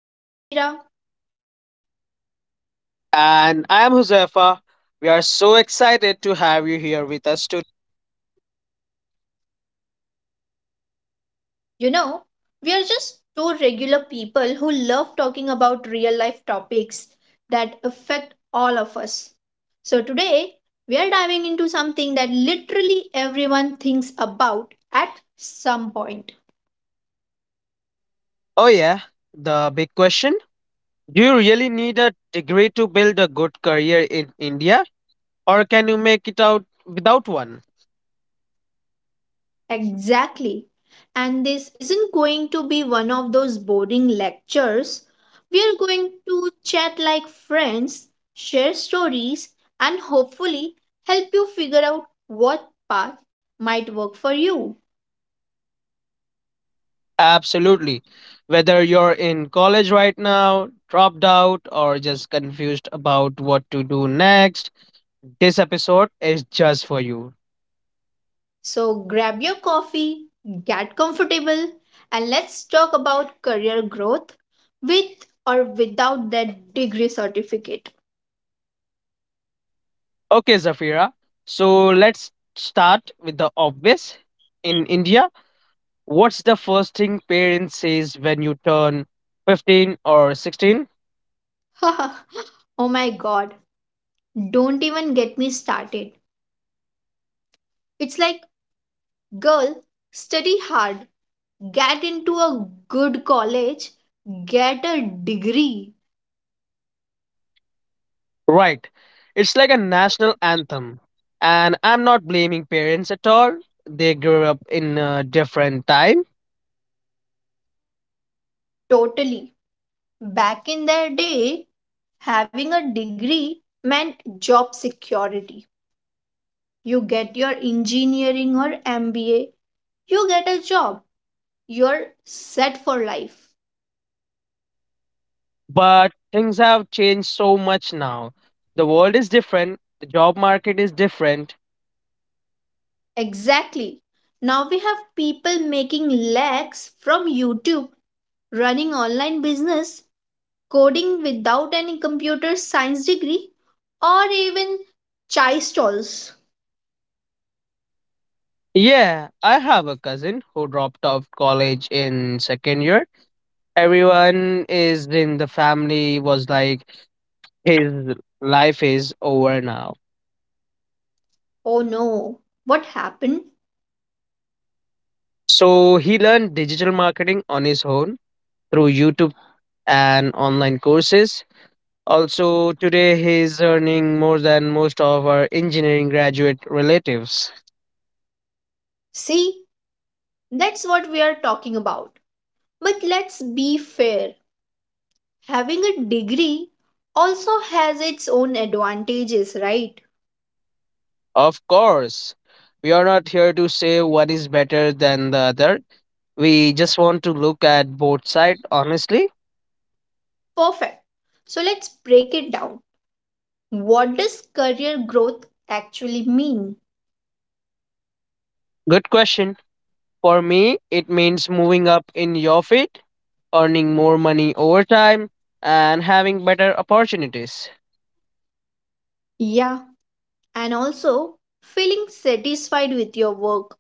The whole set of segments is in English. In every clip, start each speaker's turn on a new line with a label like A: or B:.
A: I am Zafira.
B: And I'm Huzaifa. We are so excited to have you here with us today.
A: You know, we are just two regular people who love talking about real life topics that affect all of us. So today, we are diving into something that literally everyone thinks about at some point.
B: Oh, yeah, the big question. Do you really need a degree to build a good career in India, or can you make it out without one?
A: Exactly. And this isn't going to be one of those boring lectures. We are going to chat like friends, share stories, and hopefully help you figure out what path might work for you.
B: Absolutely. Whether you're in college right now, dropped out, or just confused about what to do next, this episode is just for you.
A: So grab your coffee, get comfortable, and let's talk about career growth with or without that degree certificate.
B: Okay, Zafira, so let's start with the obvious. In India, what's the first thing parents says when you turn 15 or 16?
A: Oh my god, don't even get me started. It's like, "Girl, study hard, get into a good college, get a degree."
B: Right. It's like a national anthem. And I'm not blaming parents at all. They grew up in a different time.
A: Totally. Back in their day, having a degree meant job security. You get your engineering or MBA, you get a job, you're set for life.
B: But things have changed so much now. The world is different, the job market is different.
A: Exactly. Now we have people making lakhs from YouTube, running online business, coding without any computer science degree or even chai stalls.
B: Yeah, I have a cousin who dropped out of college in second year. Everyone is in the family was like his life is over now.
A: Oh no, what happened?
B: So he learned digital marketing on his own through YouTube and online courses. Also today he is earning more than most of our engineering graduate relatives.
A: See, that's what we are talking about. But let's be fair. Having a degree also has its own advantages, right?
B: Of course, we are not here to say one is better than the other. We just want to look at both sides honestly.
A: Perfect. So let's break it down. What does career growth actually mean?
B: Good question. For me, it means moving up in your field, earning more money over time, and having better opportunities.
A: Yeah, and also feeling satisfied with your work.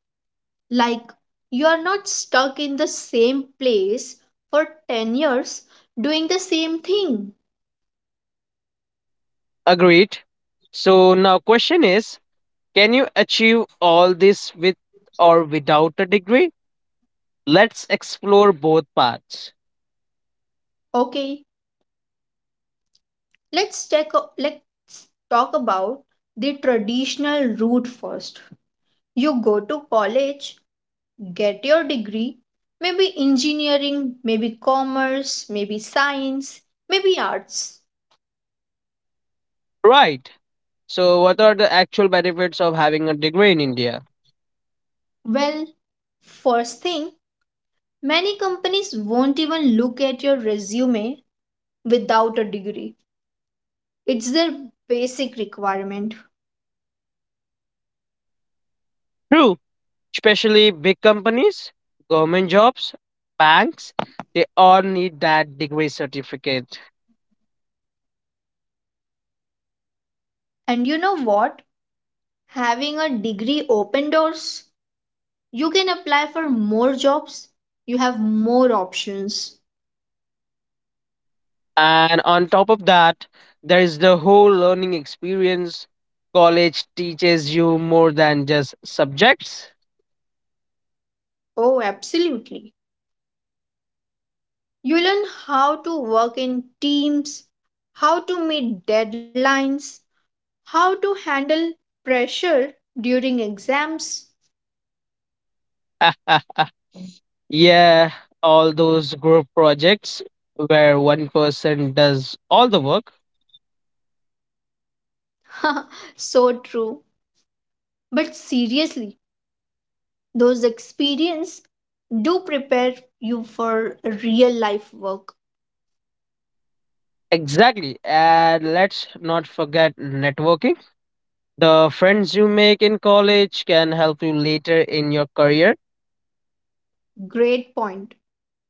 A: Like, you are not stuck in the same place for 10 years doing the same thing.
B: Agreed. So now question is, can you achieve all this with or without a degree? Let's explore both paths.
A: Okay, let's check, let's talk about the traditional route first. You go to college, get your degree, maybe engineering, maybe commerce, maybe science, maybe arts.
B: Right. So what are the actual benefits of having a degree in India?
A: Well, first thing, many companies won't even look at your resume without a degree. It's their basic requirement.
B: True, especially big companies, government jobs, banks, they all need that degree certificate.
A: And you know what? Having a degree open doors. You can apply for more jobs. You have more options.
B: And on top of that, there is the whole learning experience. College teaches you more than just subjects.
A: Oh, absolutely. You learn how to work in teams, how to meet deadlines, how to handle pressure during exams.
B: Yeah, all those group projects where one person does all the work.
A: So true. But seriously, those experience do prepare you for real life work.
B: Exactly. And let's not forget networking. The friends you make in college can help you later in your career.
A: Great point.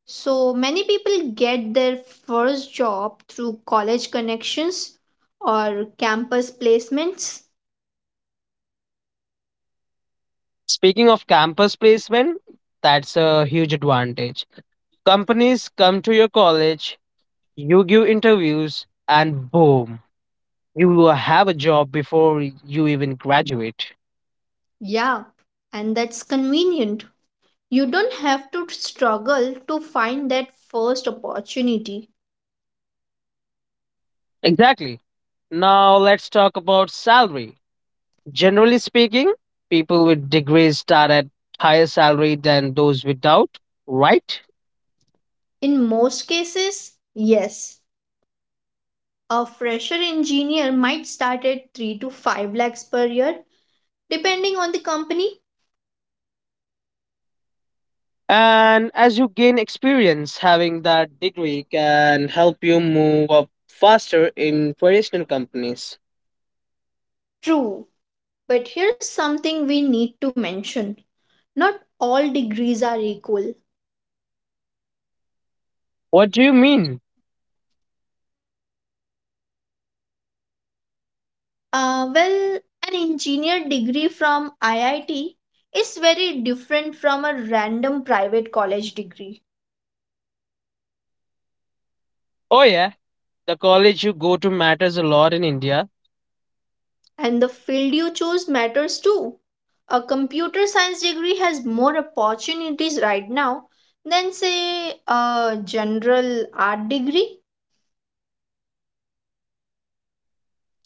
A: So many people get their first job through college connections or campus placements.
B: Speaking of campus placement, that's a huge advantage. Companies come to your college. You give interviews, and boom, you will have a job before you even graduate.
A: Yeah, and that's convenient. You don't have to struggle to find that first opportunity.
B: Exactly. Now let's talk about salary. Generally speaking, people with degrees start at higher salary than those without, right?
A: In most cases, yes. A fresher engineer might start at 3 to 5 lakhs per year, depending on the company.
B: And as you gain experience, having that degree can help you move up faster in traditional companies.
A: True, but here's something we need to mention, not all degrees are equal.
B: What do you mean?
A: Well, an engineer degree from IIT is very different from a random private college degree,
B: Oh yeah, the college you go to matters a lot in India.
A: and the field you choose matters too. A computer science degree has more opportunities right now than, say, a general art degree.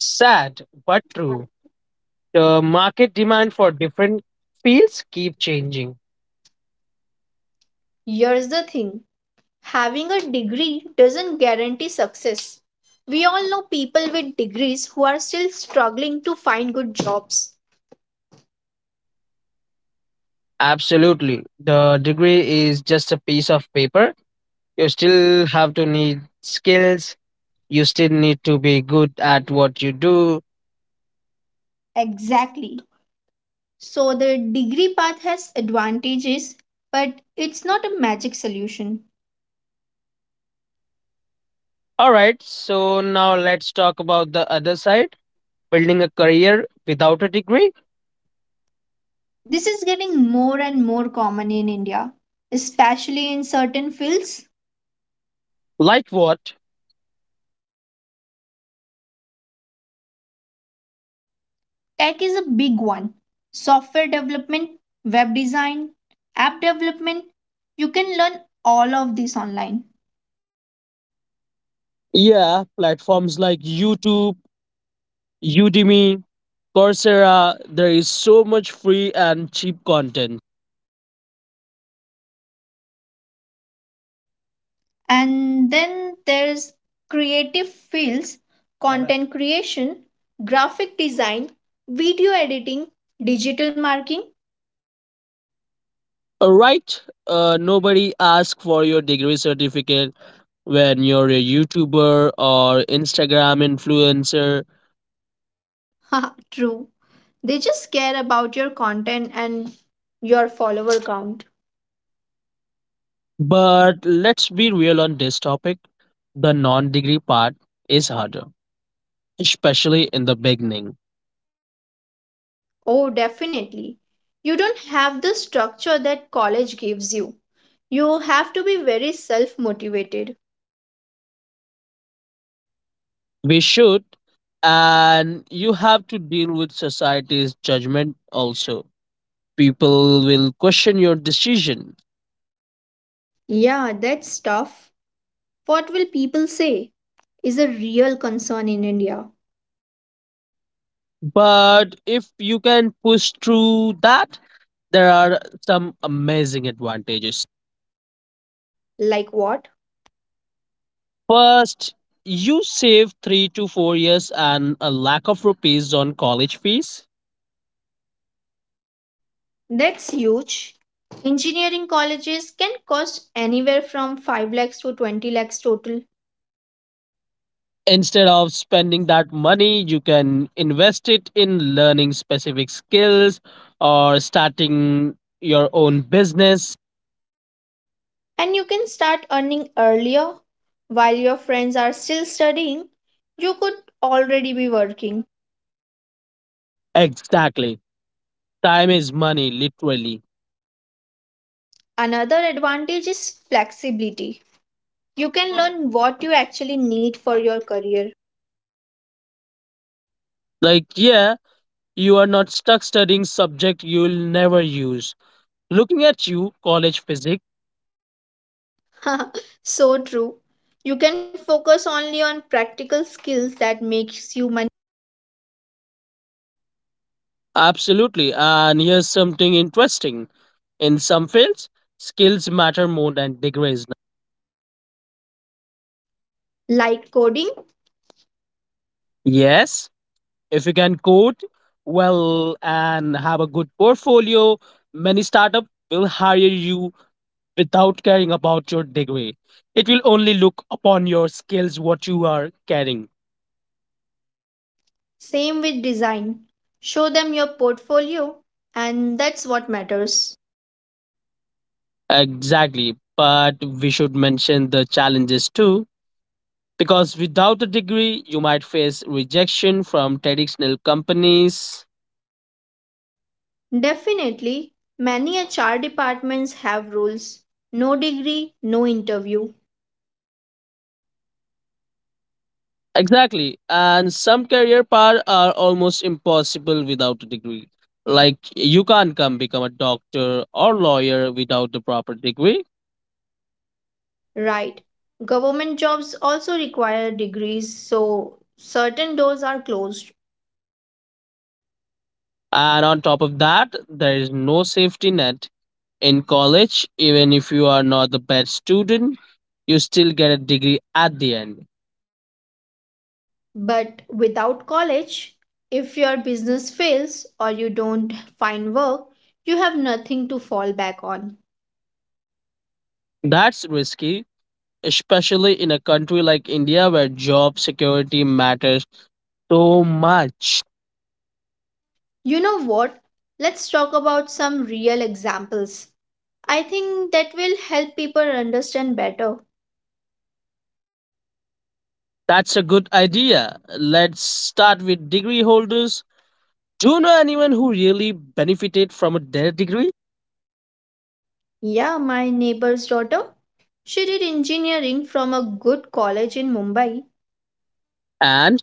B: Sad but true. The market demand for different fields keep changing.
A: Here's the thing, having a degree doesn't guarantee success. We all know people with degrees who are still struggling to find good jobs.
B: Absolutely. The degree is just a piece of paper. You still have to need skills. You still need to be good at what you do.
A: Exactly. So the degree path has advantages, but it's not a magic solution.
B: All right, so now let's talk about the other side, building a career without a degree.
A: This is getting more and more common in India, especially in certain fields.
B: Like what?
A: Tech is a big one. Software development, web design, app development, you can learn all of this online.
B: Yeah, platforms like YouTube, Udemy, Coursera, there is so much free and cheap content.
A: And then there's creative fields, content creation, graphic design, video editing, digital marketing.
B: Right? Nobody asks for your degree certificate when you're a YouTuber or Instagram influencer.
A: Haha, true. They just care about your content and your follower count.
B: But let's be real on this topic, the non degree part is harder, especially in the beginning.
A: Oh, definitely. You don't have the structure that college gives you. You have to be very self motivated.
B: We should, and you have to deal with society's judgment also. People will question your decision.
A: Yeah, that's tough. "What will people say" is a real concern in India.
B: But if you can push through that, there are some amazing advantages.
A: Like what?
B: First, you save 3 to 4 years and a lack of rupees on college fees.
A: That's huge. Engineering colleges can cost anywhere from 5 lakhs to 20 lakhs total.
B: Instead of spending that money, you can invest it in learning specific skills or starting your own business.
A: And you can start earning earlier. While your friends are still studying, you could already be working.
B: Exactly. Time is money, literally.
A: Another advantage is flexibility. You can learn what you actually need for your career.
B: Like, yeah, you are not stuck studying subject you'll never use. Looking at you, college physics.
A: So true. You can focus only on practical skills that makes you money.
B: Absolutely. And here's something interesting. In some fields, skills matter more than degrees.
A: Like coding,
B: Yes, if you can code well and have a good portfolio, many startups will hire you without caring about your degree. It will only look upon your skills, what you are carrying.
A: same with design, show them your portfolio and that's what matters.
B: Exactly. But we should mention the challenges too. Because without a degree, you might face rejection from traditional companies.
A: Definitely, many HR departments have rules: no degree, no interview.
B: Exactly. And some career paths are almost impossible without a degree. Like you can't come become a doctor or lawyer without the proper degree.
A: Right? Government jobs also require degrees, so certain doors are closed.
B: And on top of that, there is no safety net in college. Even if you are not the best student, you still get a degree at the end.
A: But without college, if your business fails or you don't find work, you have nothing to fall back on.
B: That's risky, especially in a country like India where job security matters so much.
A: You know what? Let's talk about some real examples. I think that will help people understand better.
B: That's a good idea. Let's start with degree holders. Do you know anyone who really benefited from their degree?
A: Yeah, my neighbor's daughter. She did engineering from a good college in Mumbai.
B: And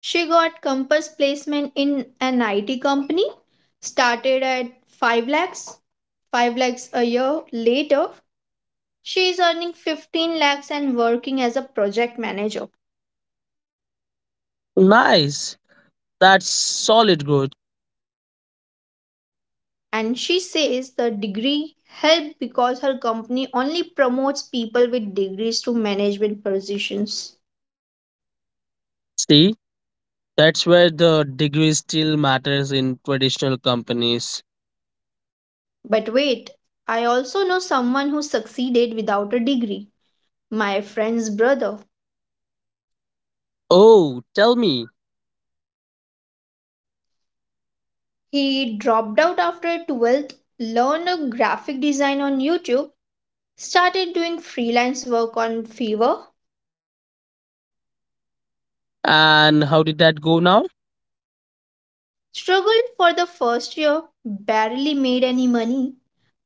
A: She got campus placement in an IT company, started at 5 lakhs. 5 lakhs a year later, she is earning 15 lakhs and working as a project manager.
B: nice. That's solid growth.
A: And she says the degree helped because her company only promotes people with degrees to management positions.
B: See, that's where the degree still matters in traditional companies.
A: But wait, I also know someone who succeeded without a degree. My friend's brother.
B: Oh, tell me.
A: He dropped out after 12th, learned a graphic design on YouTube, started doing freelance work on Fiverr,
B: And how did that go now?
A: struggled for the first year, barely made any money,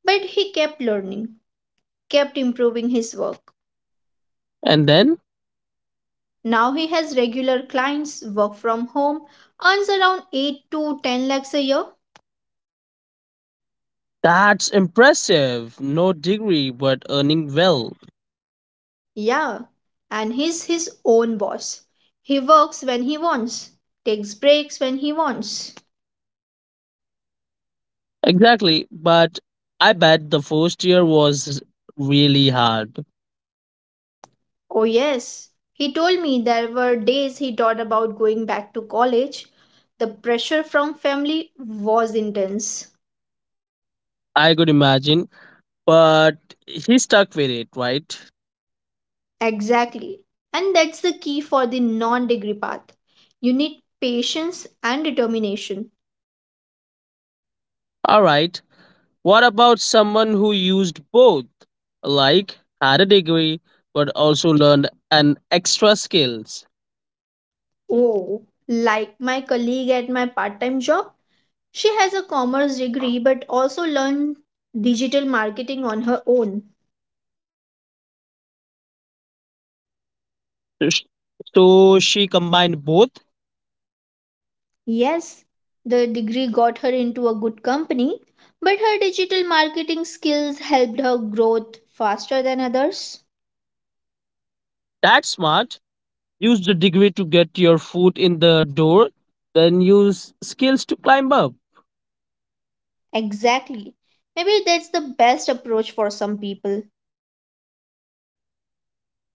A: but he kept learning, kept improving his work.
B: And then?
A: Now he has regular clients, work from home, earns around 8 to 10 lakhs a year.
B: That's impressive. No degree, but earning well.
A: Yeah, and he's his own boss. He works when he wants, takes breaks when he wants.
B: Exactly. But I bet the first year was really hard.
A: Oh, yes. He told me there were days he thought about going back to college. The pressure from family was intense.
B: I could imagine, but he stuck with it, right?
A: Exactly. And that's the key for the non degree path. You need patience and determination.
B: All right. What about someone who used both? Like had a degree but also learned an extra skills.
A: Oh, like my colleague at my part time job, she has a commerce degree but also learned digital marketing on her own.
B: So sh- so she combined both.
A: Yes, the degree got her into a good company, but her digital marketing skills helped her growth faster than others.
B: That's smart. Use the degree to get your foot in the door, then use skills to climb up.
A: Exactly. Maybe that's the best approach for some people.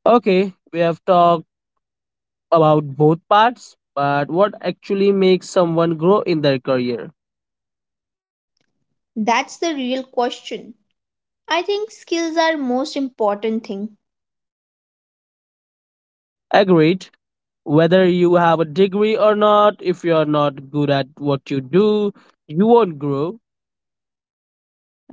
B: Okay, we have talked about both parts, but what actually makes someone grow in their career?
A: That's the real question. I think skills are most important thing.
B: Agreed. Whether you have a degree or not, if you're not good at what you do, you won't grow.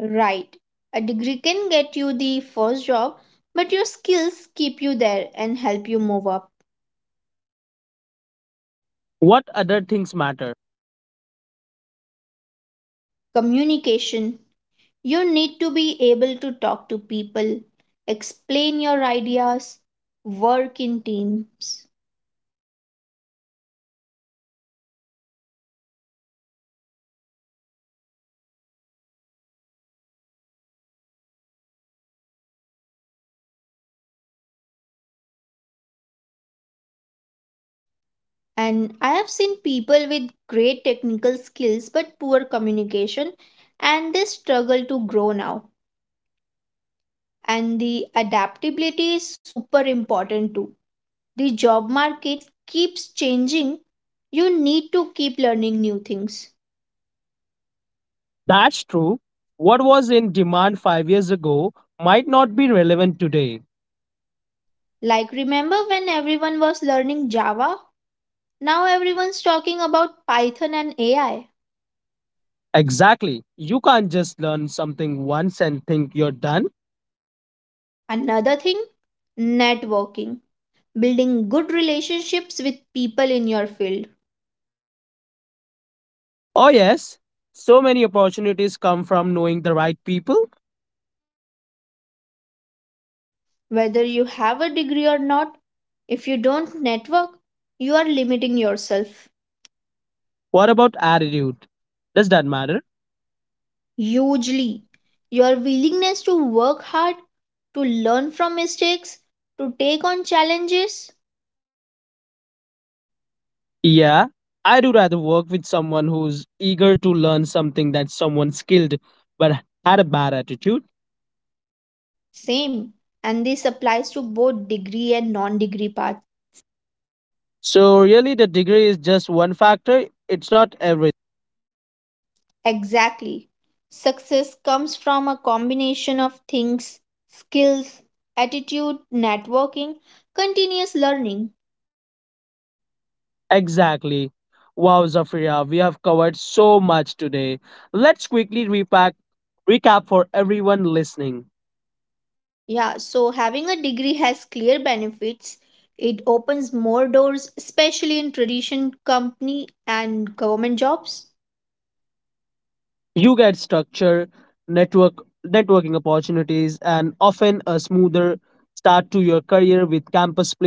A: Right. A degree can get you the first job, but your skills keep you there and help you move up.
B: What other things matter?
A: Communication. You need to be able to talk to people, explain your ideas, work in teams. And I have seen people with great technical skills but poor communication, and they struggle to grow now. And the adaptability is super important too. The job market keeps changing. You need to keep learning new things.
B: That's true. What was in demand 5 years ago might not be relevant today.
A: Like, remember when everyone was learning Java? Now everyone's talking about Python and AI.
B: Exactly. You can't just learn something once and think you're done.
A: Another thing, networking, building good relationships with people in your field.
B: Oh, yes. So many opportunities come from knowing the right people.
A: Whether you have a degree or not, if you don't network, you are limiting yourself
B: What about attitude? Does that matter?
A: hugely. Your willingness to work hard, to learn from mistakes, to take on challenges,
B: Yeah, I do rather work with someone who's eager to learn something than someone skilled but had a bad attitude.
A: same. And this applies to both degree and non degree path.
B: So, really, the degree is just one factor, it's not every.
A: Exactly. Success comes from a combination of things: skills, attitude, networking, continuous learning.
B: Exactly. Wow, Zafira, we have covered so much today. Let's quickly recap for everyone listening.
A: Yeah, so having a degree has clear benefits. It opens more doors, especially in tradition company and government jobs.
B: You get structure, network, networking opportunities, and often a smoother start to your career with campus. Play.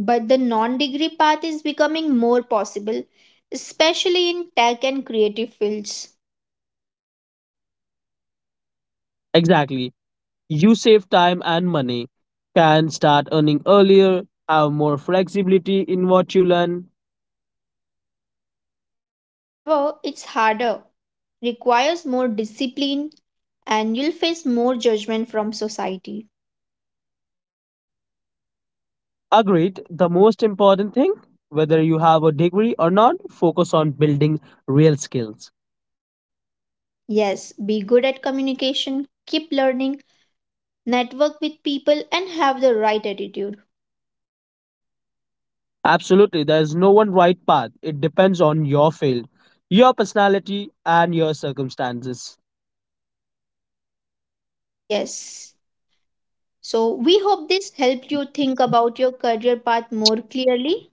A: But the non degree path is becoming more possible, especially in tech and creative fields.
B: Exactly. You save time and money, can start earning earlier, have more flexibility in what you learn.
A: However, it's harder, requires more discipline, and you'll face more judgment from society.
B: Agreed, the most important thing, whether you have a degree or not, focus on building real skills.
A: Yes, be good at communication, keep learning, network with people, and have the right attitude.
B: Absolutely, there is no one right path. It depends on your field, your personality, and your circumstances.
A: Yes. So, we hope this helped you think about your career path more clearly.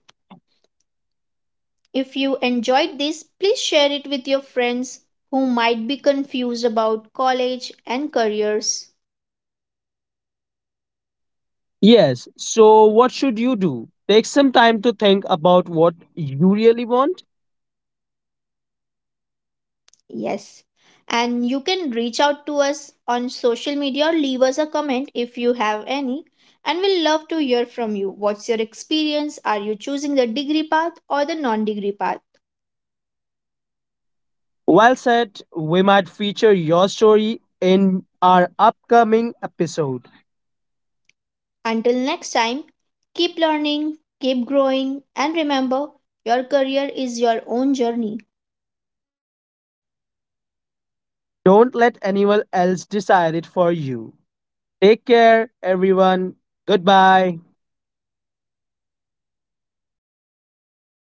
A: If you enjoyed this, please share it with your friends who might be confused about college and careers.
B: Yes, so what should you do? Take some time to think about what you really want.
A: Yes. And you can reach out to us on social media or leave us a comment if you have any. And we'll love to hear from you. What's your experience? Are you choosing the degree path or the non degree path?
B: Well said, we might feature your story in our upcoming episode.
A: Until next time, keep learning, keep growing, and remember your career is your own journey.
B: Don't let anyone else decide it for you. Take care, everyone. Goodbye.